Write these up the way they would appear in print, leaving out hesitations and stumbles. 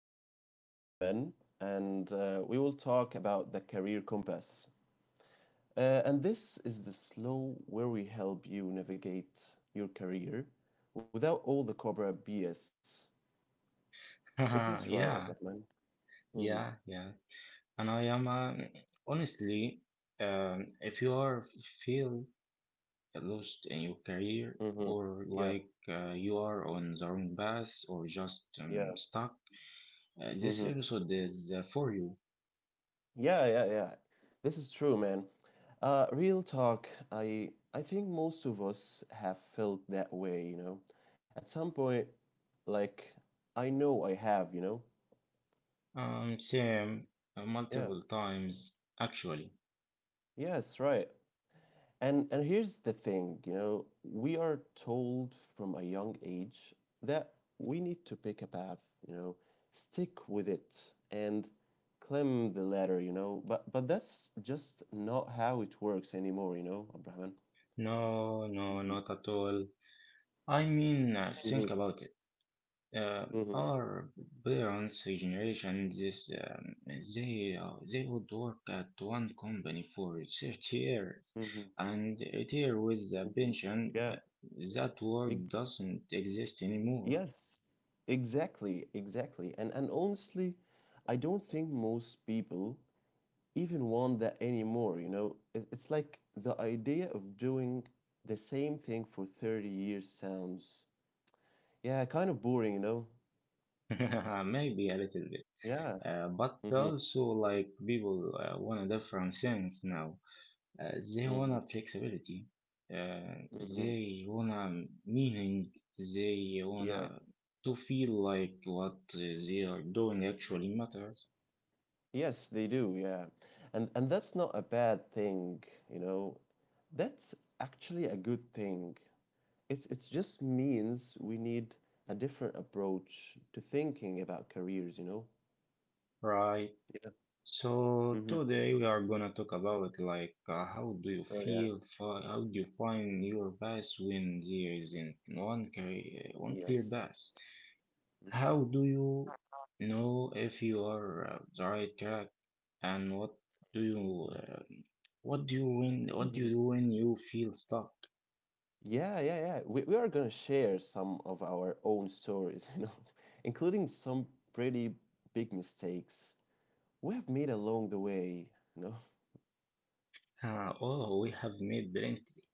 I have my guy Abdurrahman, and we will talk about the career compass. And this is the slow where we help you navigate your career without all the Cobra BS. Is this right, Yeah, Abdurrahman? Mm-hmm. yeah, yeah. And I am honestly, if you are feel lost in your career Mm-hmm. or Yeah. like you are on the wrong path or just Yeah. Stuck, this Mm-hmm. episode is for you. Yeah, yeah, yeah. This is true, man. Real talk, I think most of us have felt that way, you know. At some point, like I know I have, you know. Same Yeah. multiple times actually. Yes, right. And here's the thing, you know, we are told from a young age that we need to pick a path, you know, stick with it and climb the ladder, you know. But that's just not how it works anymore, you know, Abraham. No, no, not at all. I mean, think Mhm, about it. uh, mhm, our parents' generation, this, they would work at one company for 30 years mhm, and retire with a mhm. pension. Yeah. That work ex- doesn't exist anymore. yes. Exactly. Exactly. And honestly, I don't think most people even want that anymore. You know, it's like the idea of doing the same thing for 30 years sounds, yeah, kind of boring, you know? Maybe a little bit, Yeah. But Mm-hmm. also like people want a different sense now. They Mm-hmm. wanna flexibility. Uh, Mm-hmm. they wanna meaning. They wanna Yeah. to feel like what they are doing actually matters, Yes, they do. Yeah. And that's not a bad thing, you know. That's actually a good thing. It's it just means we need a different approach to thinking about careers, you know? right? Yeah. So Hmm. today we are gonna talk about like how do you Oh yeah. feel, how do you find your path when there isn't one clear Yes. path. Mm. How do you know if you are the right track, and do you uh, what do you when what do Mhm. you do when you feel stuck? Yeah, yeah, yeah. We are gonna share some of our own stories, you know, including some pretty big mistakes we have made along the way, you know. Oh, we have made plenty.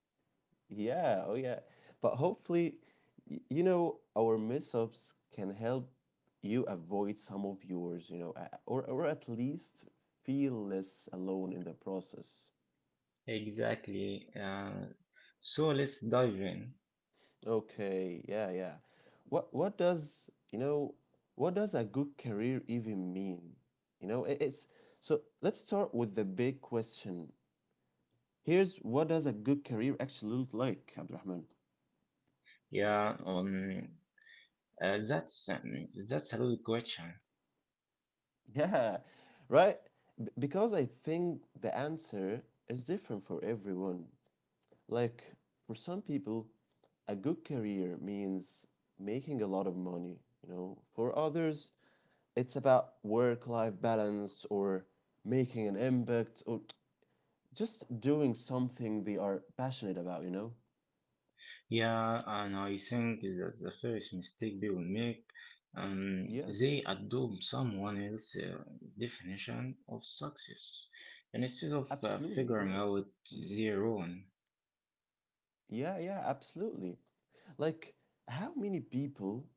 Yeah, oh yeah. But hopefully, you know, our mess-ups can help you avoid some of yours, or or at least feel less alone in the process. Exactly. So let's dive in. Okay, yeah, yeah. What does, you know, what does a good career even mean? You know, it, it's so let's start with the big question. Here's what does a good career actually look like, Abdurrahman? Yeah. That's that's a good question. Yeah, right? Because I think the answer is different for everyone. Like, for some people, a good career means making a lot of money, you know. For others, it's about work-life balance or making an impact or just doing something they are passionate about, you know? Yeah, and I think that's the first mistake people make. Um, they Yes, adopt someone else's definition of success instead of absolutely, figuring yeah. out Mhm. their own. Yeah, yeah, absolutely. Like, how many people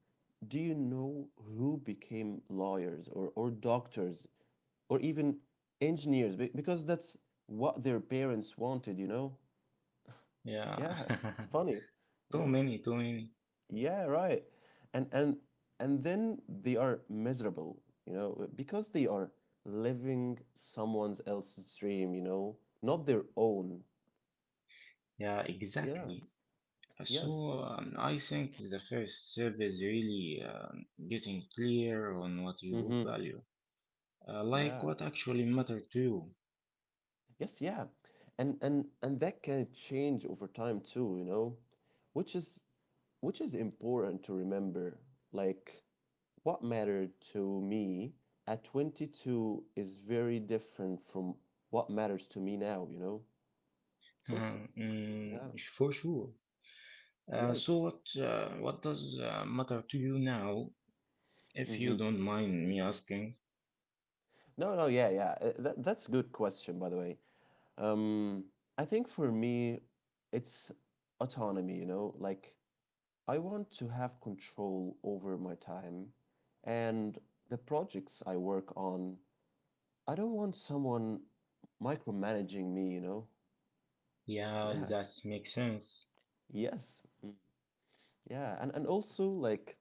do you know who became lawyers or doctors or even engineers because that's what their parents wanted, you know? Yeah, Yeah, it's funny. too Yes. many, too many. Yeah, right. And and and then they are miserable, you know, because they are living someone else's dream, you know, not their own. Yeah, Yeah. exactly. Yes. So I think the first step is really getting clear on what you Mm-hmm. value, like Yeah. what actually matter to you. Yes, yeah. And that can change over time too, you know, which is which is important to remember. Like what mattered to me at 22 is very different from what matters to me now, you know. It's also, yeah. Mm, for sure. So Yes. What does matter to you now, if you Mm-hmm. don't mind me asking? No, no, yeah, yeah. That's a good question, by the way. Um, I think for me, it's autonomy, you know, like I want to have control over my time and the projects I work on. I don't want someone micromanaging me, you know? Yeah, Yeah, that makes sense. yes. Mm. Yeah, and also, like,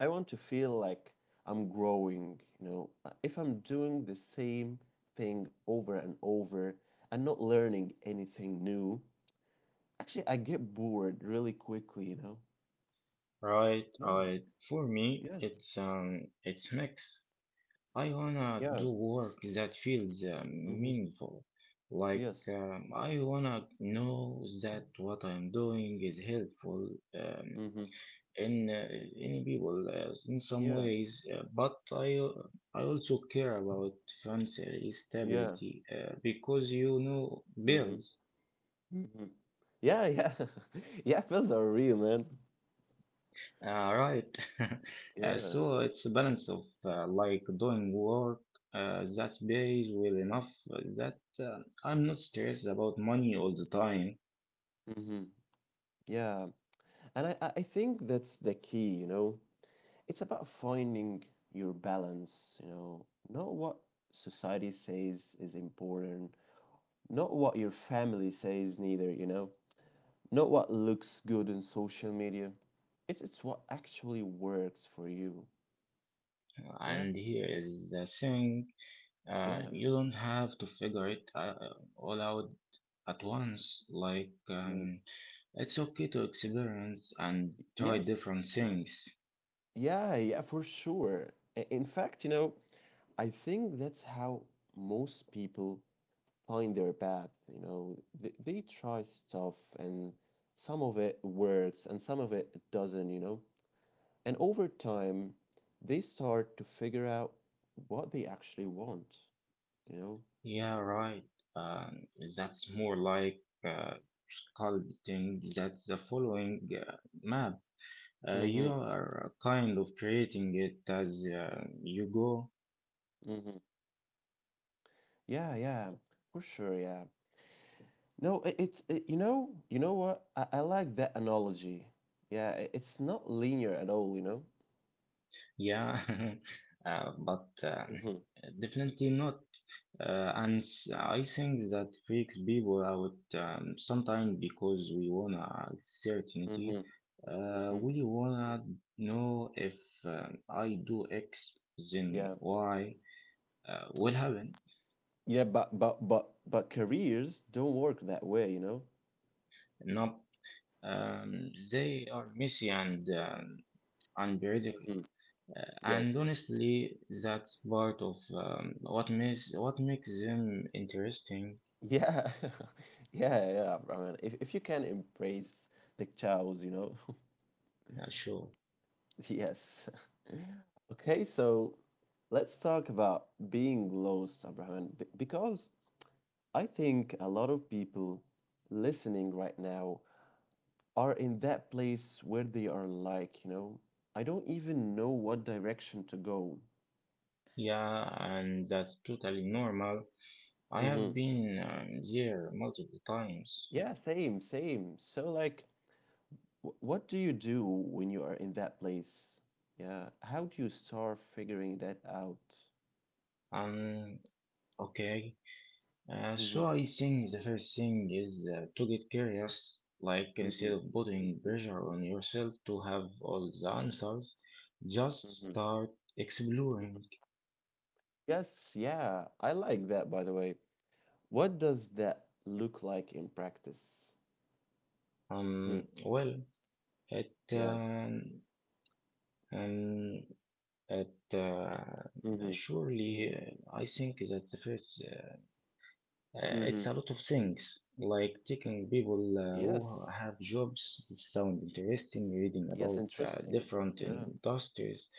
I want to feel like I'm growing, you know? If I'm doing the same thing over and over and not learning anything new, actually, I get bored really quickly, you know? Right, Yeah, right. For me, yes. It's mix. I wanna Yeah. do work that feels Mm-hmm. meaningful. Like Yes. I wanna know that what I'm doing is helpful, um, Mm-hmm. in any people in some Yeah. ways, but I also care about financial Yeah. stability because you know Mhm. bills, Mhm. Yeah, yeah. Yeah, pills are real, man. Right? Yeah. So it's a balance of like doing work that pays well enough that I'm not stressed about money all the time. Mhm. Yeah. And I think that's the key, you know. It's about finding your balance, you know. Not what society says is important, not what your family says neither, you know. Not what looks good on social media. It's what actually works for you. Yeah. And here is the thing. Yeah. You don't have to figure it all out at once. Like, Mm. It's okay to experience and try Yes. different things. Yeah, yeah, for sure. In fact, you know, I think that's how most people find their path, you know. They try stuff and some of it works and some of it doesn't, you know. And over time, they start to figure out what they actually want, you know. Yeah, right. Uh, that's more like uh, sculpting. That's the following map. You Mm-hmm. are kind of creating it as you go. Mm-hmm. Yeah, yeah. For sure, yeah. No, you know what? I like that analogy. Yeah, it's not linear at all, you know. Yeah, but Mm-hmm. definitely not. And I think that freaks people out sometimes because we wanna certainty. Mm-hmm. Mm-hmm. We wanna know if I do X, then Yeah. Y will happen. Yeah, but careers don't work that way, you know? Not they are messy and unpredictable. Mhm. And Yes. honestly, that's part of what makes them interesting. Yeah, yeah, yeah, Rahman. If you can embrace the chows, you know. Yeah, sure. Yes. Okay, so let's talk about being lost, Abraham, because I think a lot of people listening right now are in that place where they are like, you know, I don't even know what direction to go. Yeah, and that's totally normal. I have Hmm. been there multiple times. Yeah, same, same. So like what do you do when you are in that place? Yeah, how do you start figuring that out? Um, okay. Mhm, So I think the first thing is to get curious. Like mhm, instead of putting pressure on yourself to have all the answers, just mhm, start mhm. exploring. Yes, yeah, I like that, by the way. What does that look like in practice? Hmm, Well, it yeah. Um, it Hmm. surely I think that's the first. It's Hmm. a lot of things like taking people who Yes. have jobs that sound interesting, reading Yes, about interesting. different Yeah. industries,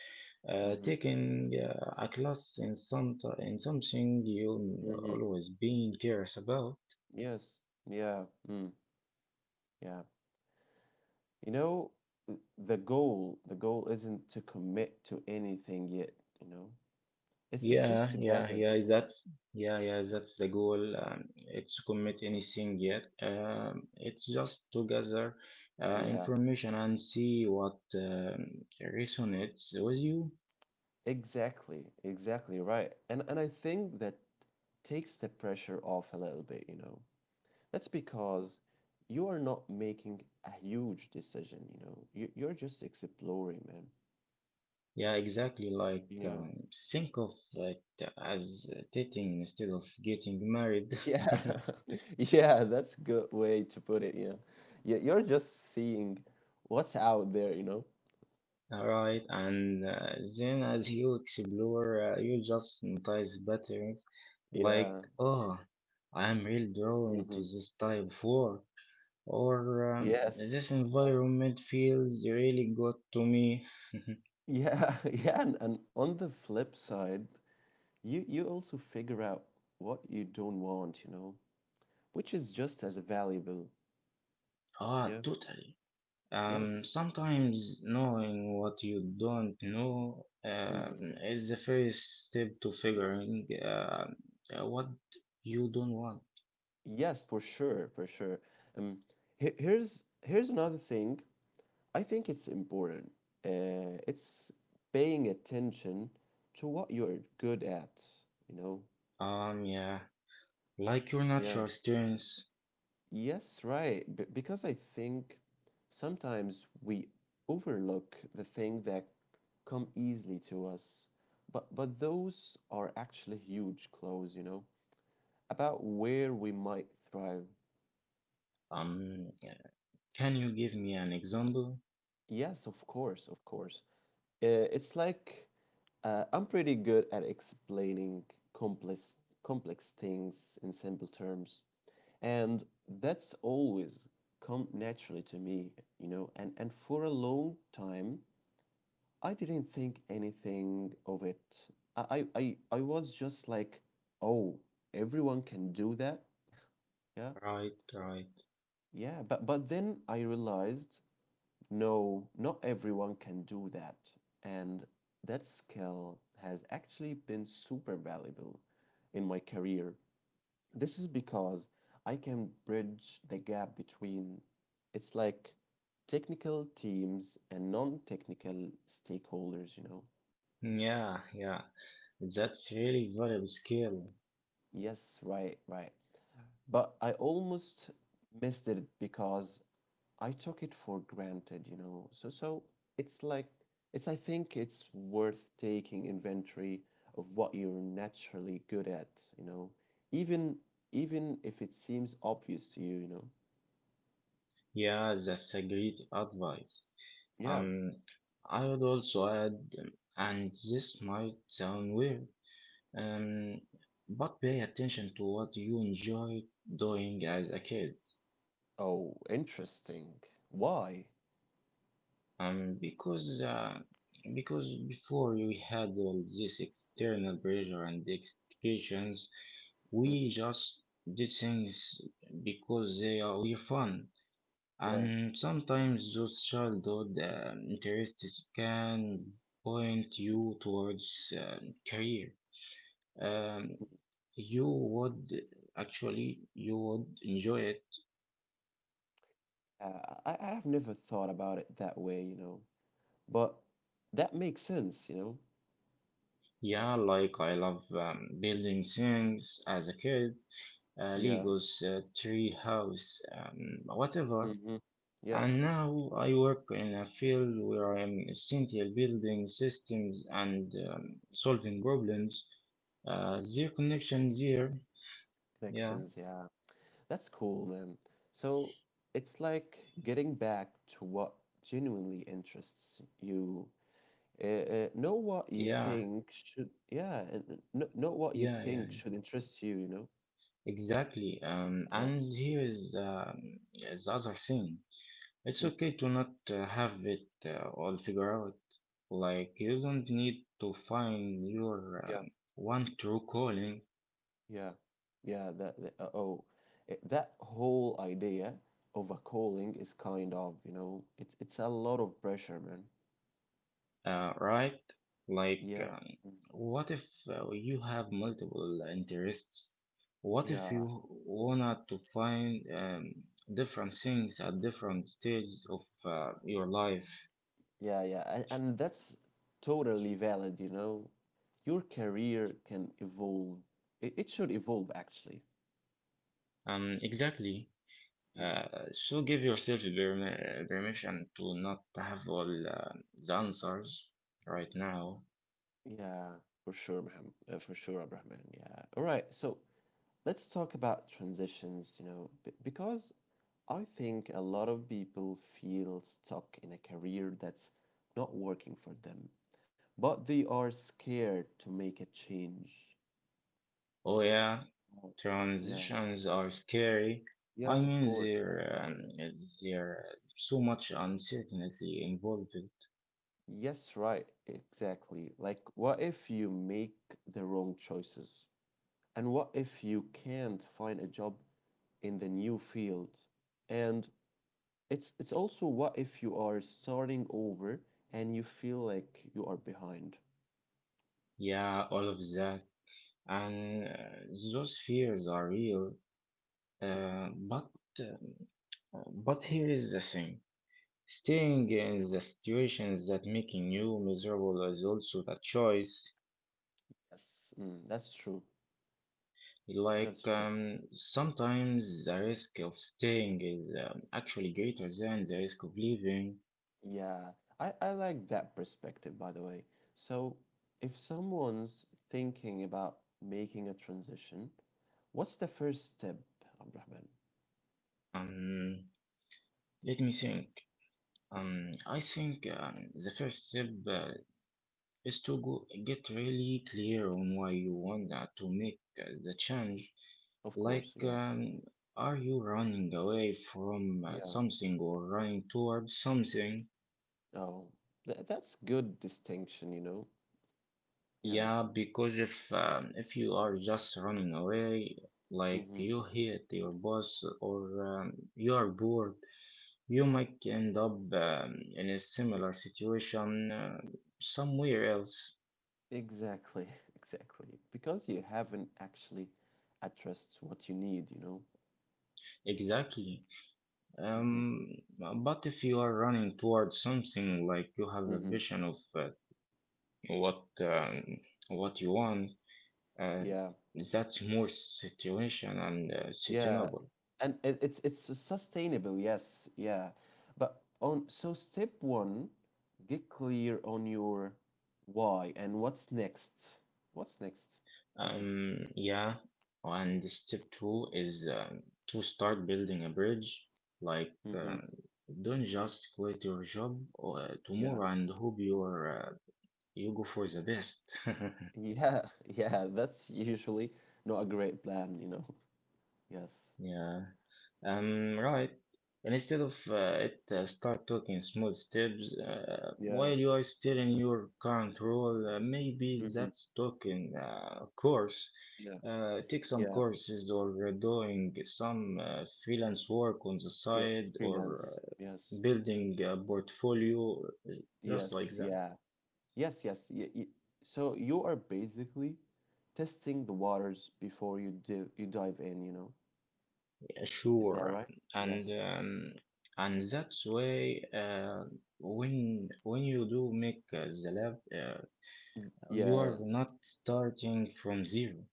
Hmm. taking a class in something you Hmm. always been curious about. Yes. Yeah. Mm, yeah. You know, th- the goal isn't to commit to anything yet, you know? It's just Yeah, yeah, together. yeah. Mm, That's yeah, yeah. That's the goal. It's to commit mm. anything yet. It's just to gather Yeah, information and see what resonates with you. exactly, exactly right. And I think that takes the pressure off a little bit, you know. That's because you are not making a huge decision, you know. You you're just exploring, man. Yeah, exactly. Like, Yeah. Think of it as dating instead of getting married, Yeah. Yeah, that's good way to put it, yeah. Yeah, you're just seeing what's out there, you know. All right. And then as you explore, you just notice patterns like, Yeah. oh, I'm really drawn Hmm. to this type of work, or Yes. this environment feels really good to me. Yeah, yeah, and on the flip side, you also figure out what you don't want, you know, which is just as valuable. Ah, Yeah. totally. Yes. Sometimes knowing what you don't know Hmm. is the first step to Yes. figuring what you don't want. Yes, for sure, for sure. Um, Here's here's another thing. I think it's important. It's paying attention to what you're good at, you know. Yeah, like your Yeah. natural strengths. Yes, right. Because I think sometimes we overlook the thing that come easily to us. But those are actually huge clues, you know, about where we might thrive. Um, can you give me an example? Yes, of course, of course. It's like I'm pretty good at explaining complex complex things in simple terms, and that's always come naturally to me, you know. And for a long time, I didn't think anything of it. I was just like, oh, everyone can do that. Yeah. Right, right. Yeah. But then I realized, no, not everyone can do that. And that skill has actually been super valuable in my career. This is because I can bridge the gap between, it's like technical teams and non-technical stakeholders, you know. Yeah, yeah. That's really valuable skill. Yes, right, right. But I almost missed it because I took it for granted, you know. So so it's like it's I think it's worth taking inventory of what you're naturally good at, you know. Even even if it seems obvious to you, you know. Yeah, that's a great advice. Yeah. Um, I would also add, and this might sound weird. Um, but pay attention to what you enjoy doing as a kid. Oh, interesting. Why? Because because before we had all this external pressure and expectations, Mm, we just did things because they are were fun. yeah. And sometimes those childhood interests can point Mm, you towards career. Um, mm. you would actually you would enjoy it. I have never thought about it that way, you know. But that makes sense, you know. Yeah, like I love building things as a kid, Yeah. Legos, tree house, whatever. Mm-hmm. And Yes, now I work in a field where I'm essential building systems and solving problems. Their connection there. Yeah, connections. Yeah, that's cool, man. So it's like getting back to what genuinely interests you. Know what you yeah, think should, yeah, and know what you yeah, yeah, yeah, think should interest you, you know? exactly. Yes. And here is the other thing. It's Mm. okay to not have it all figured out. Like, you don't need to find your Yeah, uh, one true calling, yeah, yeah. That whole idea of a calling is kind of, you know, it's a lot of pressure, man. Right? Like, Yeah. Mm. what if you have multiple interests? What if Yeah, you wanna to find different things at different stages of your life? yeah, yeah, and that's totally valid, you know. Your career can evolve. It should evolve, actually. Exactly. Mm, Uh, so give yourself the permission to not have all the answers right now. yeah, for sure, Maham, for sure, Abrahman. Yeah. All right, so let's talk about transitions, you know, b because I think a lot of people feel stuck in a career that's not working for them, but they are scared to make a change. Oh yeah, Oh, yeah. transitions are scary. I Yes, of mean, course. there there so much uncertainty involved. Yes, right, exactly. Like, what if you make the wrong choices? And what if you can't find a job in the new field? And it's also what if you are starting over and you feel like you are behind? Yeah, all of that, and those fears are real. Mhm. But um, but here is the thing. Staying in the situations that making you miserable is also a choice. Yes, mm, that's true. That's Like true. Sometimes the risk of staying is actually greater than the risk of leaving. Yeah, I like that perspective, by the way. So, if someone's thinking about making a transition, what's the first step, Abdurrahman? Um, Let me think. I think the first step is to go get really clear on why you want to make the change. Of course, Like, yeah. Are you running away from Yeah. something or running towards something? Oh, that's good distinction, you know. Yeah. Yeah, because if you are just running away, like Hmm. you hate your boss or you are bored, you might end up in a similar situation somewhere else. Exactly. Exactly. Because you haven't actually addressed what you need, you know. Exactly. Hmm. But if you are running towards something, like you have a Hmm. vision of what um, what you want, uh, Yeah. that's more situation and Yeah. sustainable. And it's sustainable, yes. Yeah. But on so step one, get clear on your why and what's next. What's next? Yeah, and step two is to start building a bridge. Like, Hmm. Hmm. don't just quit your job Yeah. tomorrow and hope you're you go for the best. Yeah, yeah, that's usually not a great plan, you know. Yes. Yeah. Right. And instead of start taking small steps while Yeah. you are still in your current role. Maybe Hmm. that's taking a course. Yeah. Take some Yeah. courses or doing some freelance work on the Yes. side or Freelance. Yes. building a portfolio, just like Yes. that. Yeah. Yes. Yes. Y y So you are basically testing the waters before you dive in, you know? Yeah, Is that sure. right? And Yes. um, and that's way when you do make the lab. You Yeah. are not starting from zero.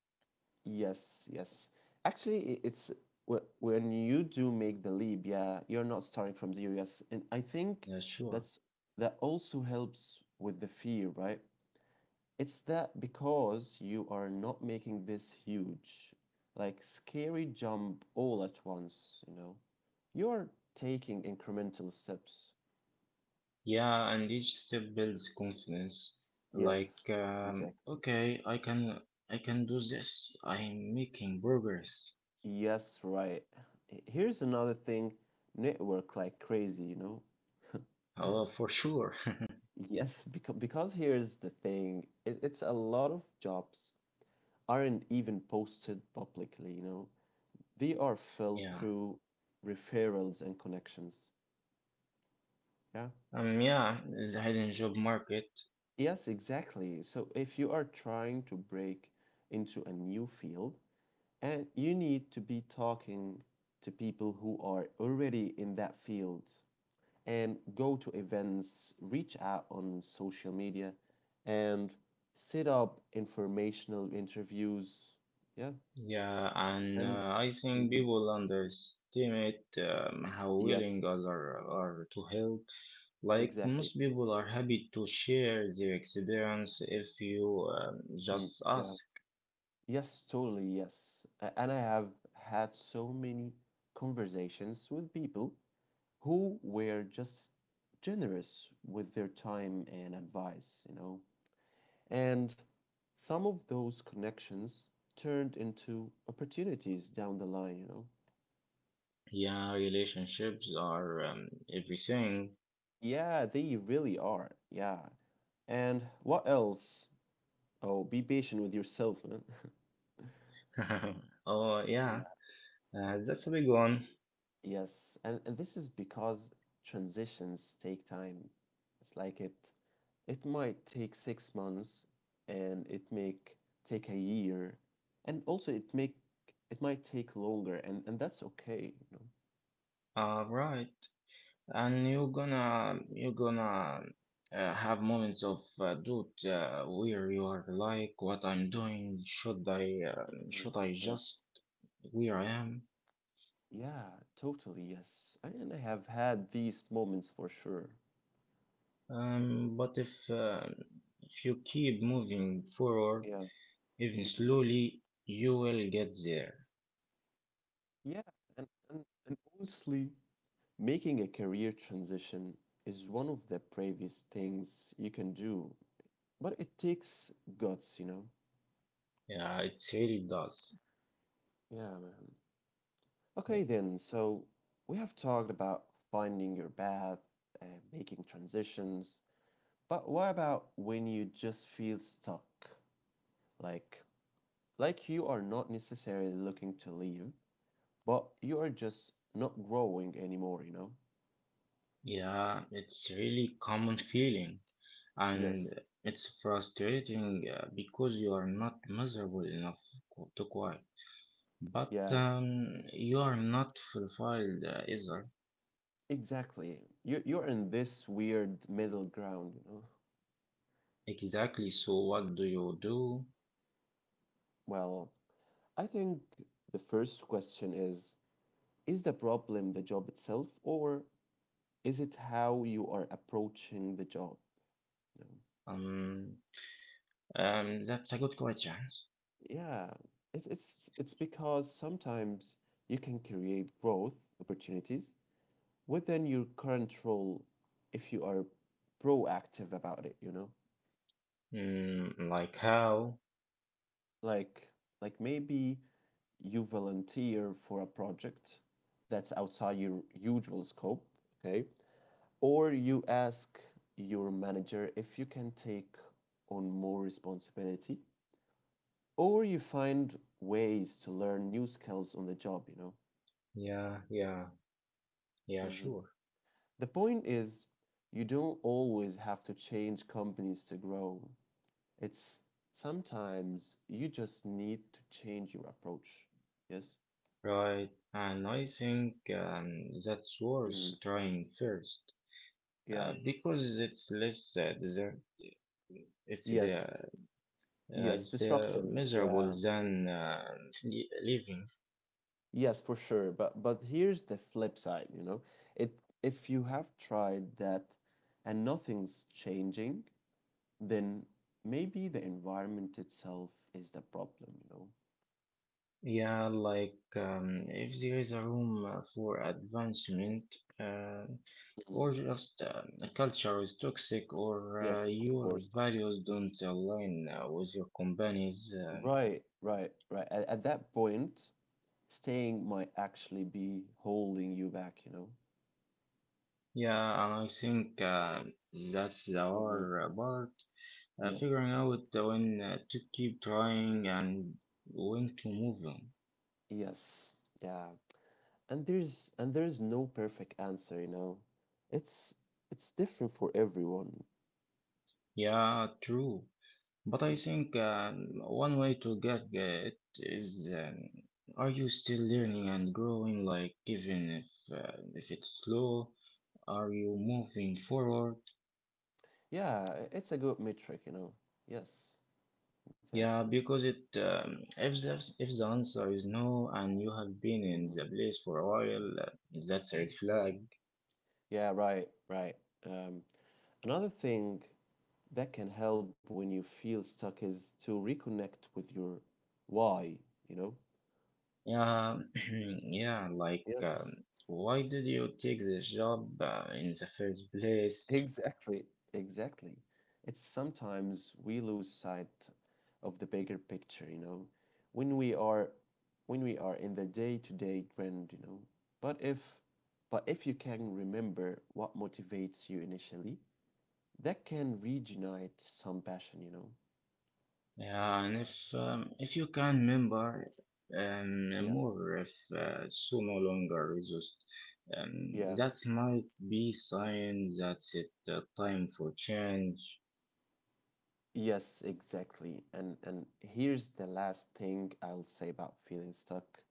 Yes, yes. Actually, when you do make the leap, yeah, you're not starting from zero, yes. And I think Yeah, sure. that's that also helps with the fear, right? It's that because you are not making this huge, like scary jump all at once, you know. You're taking incremental steps. Yeah, and each step builds confidence. Like, Yes, exactly. okay, I can do this. I'm making progress. Yes, right. Here's another thing, network like crazy. Oh, for sure. Yes, because here's the thing, it's a lot of jobs aren't even posted publicly. They are filled Yeah. through referrals and connections. Yeah. Yeah, the hidden job market. Yes, exactly. So if you are trying to break into a new field, and you need to be talking to people who are already in that field, and go to events, reach out on social media, and set up informational interviews. Yeah. Yeah, and And. I think Mhm. people underestimate how Yes, willing others are to help. Like exactly. most people are happy to share their experience if you Mm, just yeah. ask. Yes, totally. Yes. And I have had so many conversations with people who were just generous with their time and advice. And some of those connections turned into opportunities down the line, you know? Yeah, relationships are everything. Yeah, they really are. Yeah. And what else? Oh, be patient with yourself, man. Oh yeah, Yeah. That's a big one. Yes. And this is because transitions take time. It's like it might take 6 months and it make take a year. And also it might take longer and that's okay. Right. And you're gonna have moments of doubt where you are like what I'm doing Mhm. should I Yes. just where I am. Yeah, totally. Yes. And I have had these moments for sure. But if you keep moving forward Yeah. even Mhm. slowly you will get there. Yeah. And honestly, making a career transition is one of the bravest things you can do, but it takes guts, you know? Yeah, it really does. Yeah, man. Yeah, Okay, then. So we have talked about finding your path and making transitions, but what about when you just feel stuck? Like, like, you are not necessarily looking to leave? But you are just not growing anymore, you know? yeah, it's really common feeling and Yes. it's frustrating because you are not miserable enough to quiet. But Yeah, you are not fulfilled either. exactly. You're in this weird middle ground, you know? Exactly. So what do you do? Well, I think the first question is the problem the job itself or is it how you are approaching the job, you Um, that's a good question. know? Yeah. It's because sometimes you can create growth opportunities within your current role if you are proactive about it, you know? Mm, like how? like like, maybe you volunteer for a project that's outside your usual scope, okay, or you ask your manager if you can take on more responsibility, or you find ways to learn new skills on the job. Yeah, yeah, yeah, Mhm. sure. The point is you don't always have to change companies to grow. It's sometimes you just need to change your approach. Yes. Right. And I think that's worth Mm. trying first, Yeah. Because it's less desert. It's the Yes, yes, it's disruptive. Yeah. miserable than leaving. Yes, for sure. But here's the flip side. It if you have tried that and nothing's changing, then maybe the environment itself is the problem. Yeah, like if there is a room for advancement, uh, or Mhm. just a culture is toxic, or Yes, of your course, toxic. values don't align with your company's. Right, right, right. At that point, staying might actually be holding you back. Yeah, and I think that's the Mhm. hard part. Yes. Figuring out when to keep trying and when to move on. Yes. Yeah. And there's no perfect answer you know it's it's different for everyone. Yeah, true. But I Mm. think one way to get it is are you still learning and growing? Like, even if it's slow, are you moving forward? Yeah, it's a good metric. Yes, exactly. Yeah, because it if the answer is no and you have been in Mhm. the place for a while, that's a red flag. Yeah, right, right. um, Another thing that can help when you feel stuck is to reconnect with your why you know Yeah, yeah, like yes. why did you take this job in the first place? Exactly, exactly. It's sometimes we lose sight of the bigger picture, when we are in the day-to-day grind. But if but if you can remember what motivates you initially, that can reignite some passion. Yeah, and if you can remember, Yeah. more if so no longer resist, Yeah. that might be sign that it time for change. Yes, exactly. And here's the last thing I'll say about feeling stuck.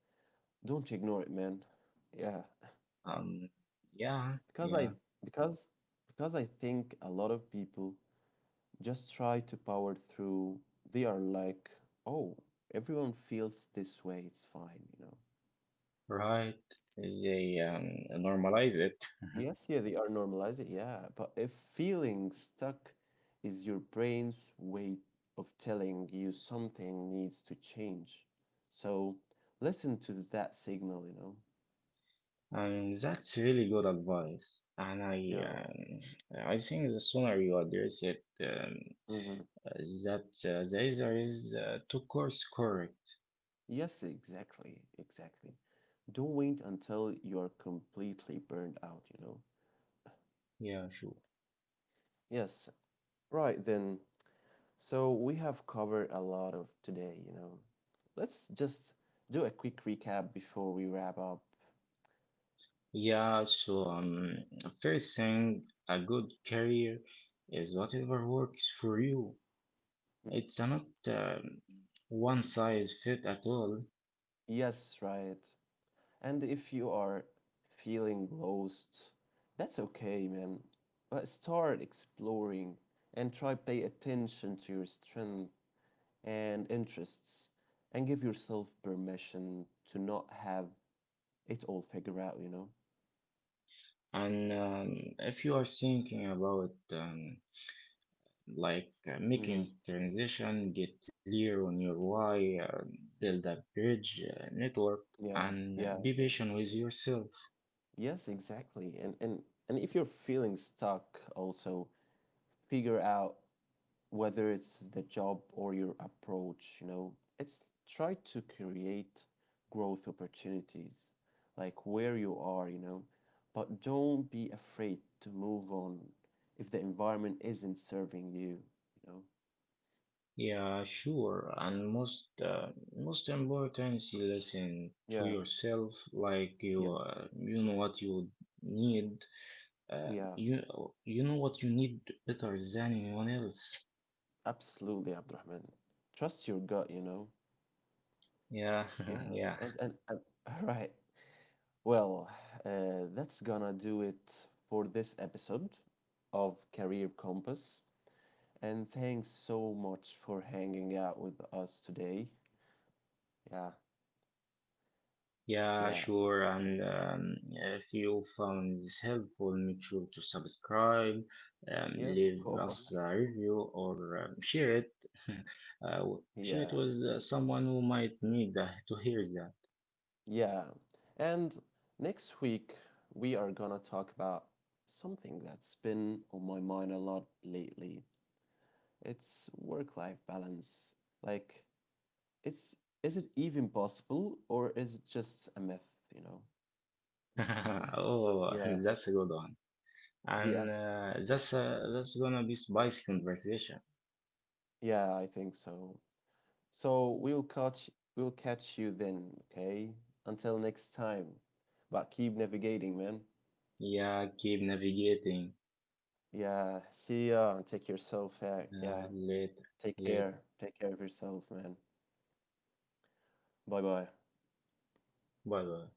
Don't ignore it, man. Yeah. Um, yeah, because yeah, I because because I think a lot of people just try to power through. They are like, "Oh, everyone feels this way. It's fine." right. They normalize it. Yes, yeah, they are normalizing. Yeah, but if feeling stuck is your brain's way of telling you something needs to change. So listen to that signal. That's really good advice, and Yeah. I think the sooner you address it, Hmm. uh, that the answer is to course correct. Yes, exactly. Exactly. Don't wait until you're completely burned out. Yeah, sure. Yes, right then. So we have covered a lot of today. Let's just do a quick recap before we wrap up. Yeah, so first thing, a good career is whatever works for you. Mm, It's not one size fit at all. yes, right. And if you are feeling lost, that's okay, man. But start exploring and try pay attention to your strength and interests and give yourself permission to not have it all figured out. And if you are thinking about like making Hmm. transition, get clear on your why, build a bridge network, Yeah, and yeah. be patient with yourself. Yes, exactly. And if you're feeling stuck, also figure out whether it's the job or your approach. It's try to create growth opportunities like where you are, but don't be afraid to move on if the environment isn't serving you, you know. Yeah, sure. And most most important, you listen to Yeah, yourself. Like you, yes. You know what you need. Yeah, You you know what you need better than anyone else. absolutely, Abdurrahman. Trust your gut. Yeah, Yeah. yeah, And right. Well, that's gonna do it for this episode of Career Compass. And thanks so much for hanging out with us today. Yeah, yeah, yeah, sure. And if you found this helpful, make sure to subscribe, yes, of leave course. us a review, or share it. Uh, Share Yeah, it with someone who might need to hear that. yeah. And next week, we are gonna talk about something that's been on my mind a lot lately. It's work-life balance. Like, it's is it even possible or is it just a myth, you know? Oh, Yeah. that's a good one. And Yes. That's gonna be spicy conversation. Yeah, I think so. So we'll catch you then, okay? Until next time. But keep navigating, man. Yeah, keep navigating. Yeah, see ya and take yourself yeah. Later, Take later. care. Take care of yourself, man. Bye bye. Bye bye.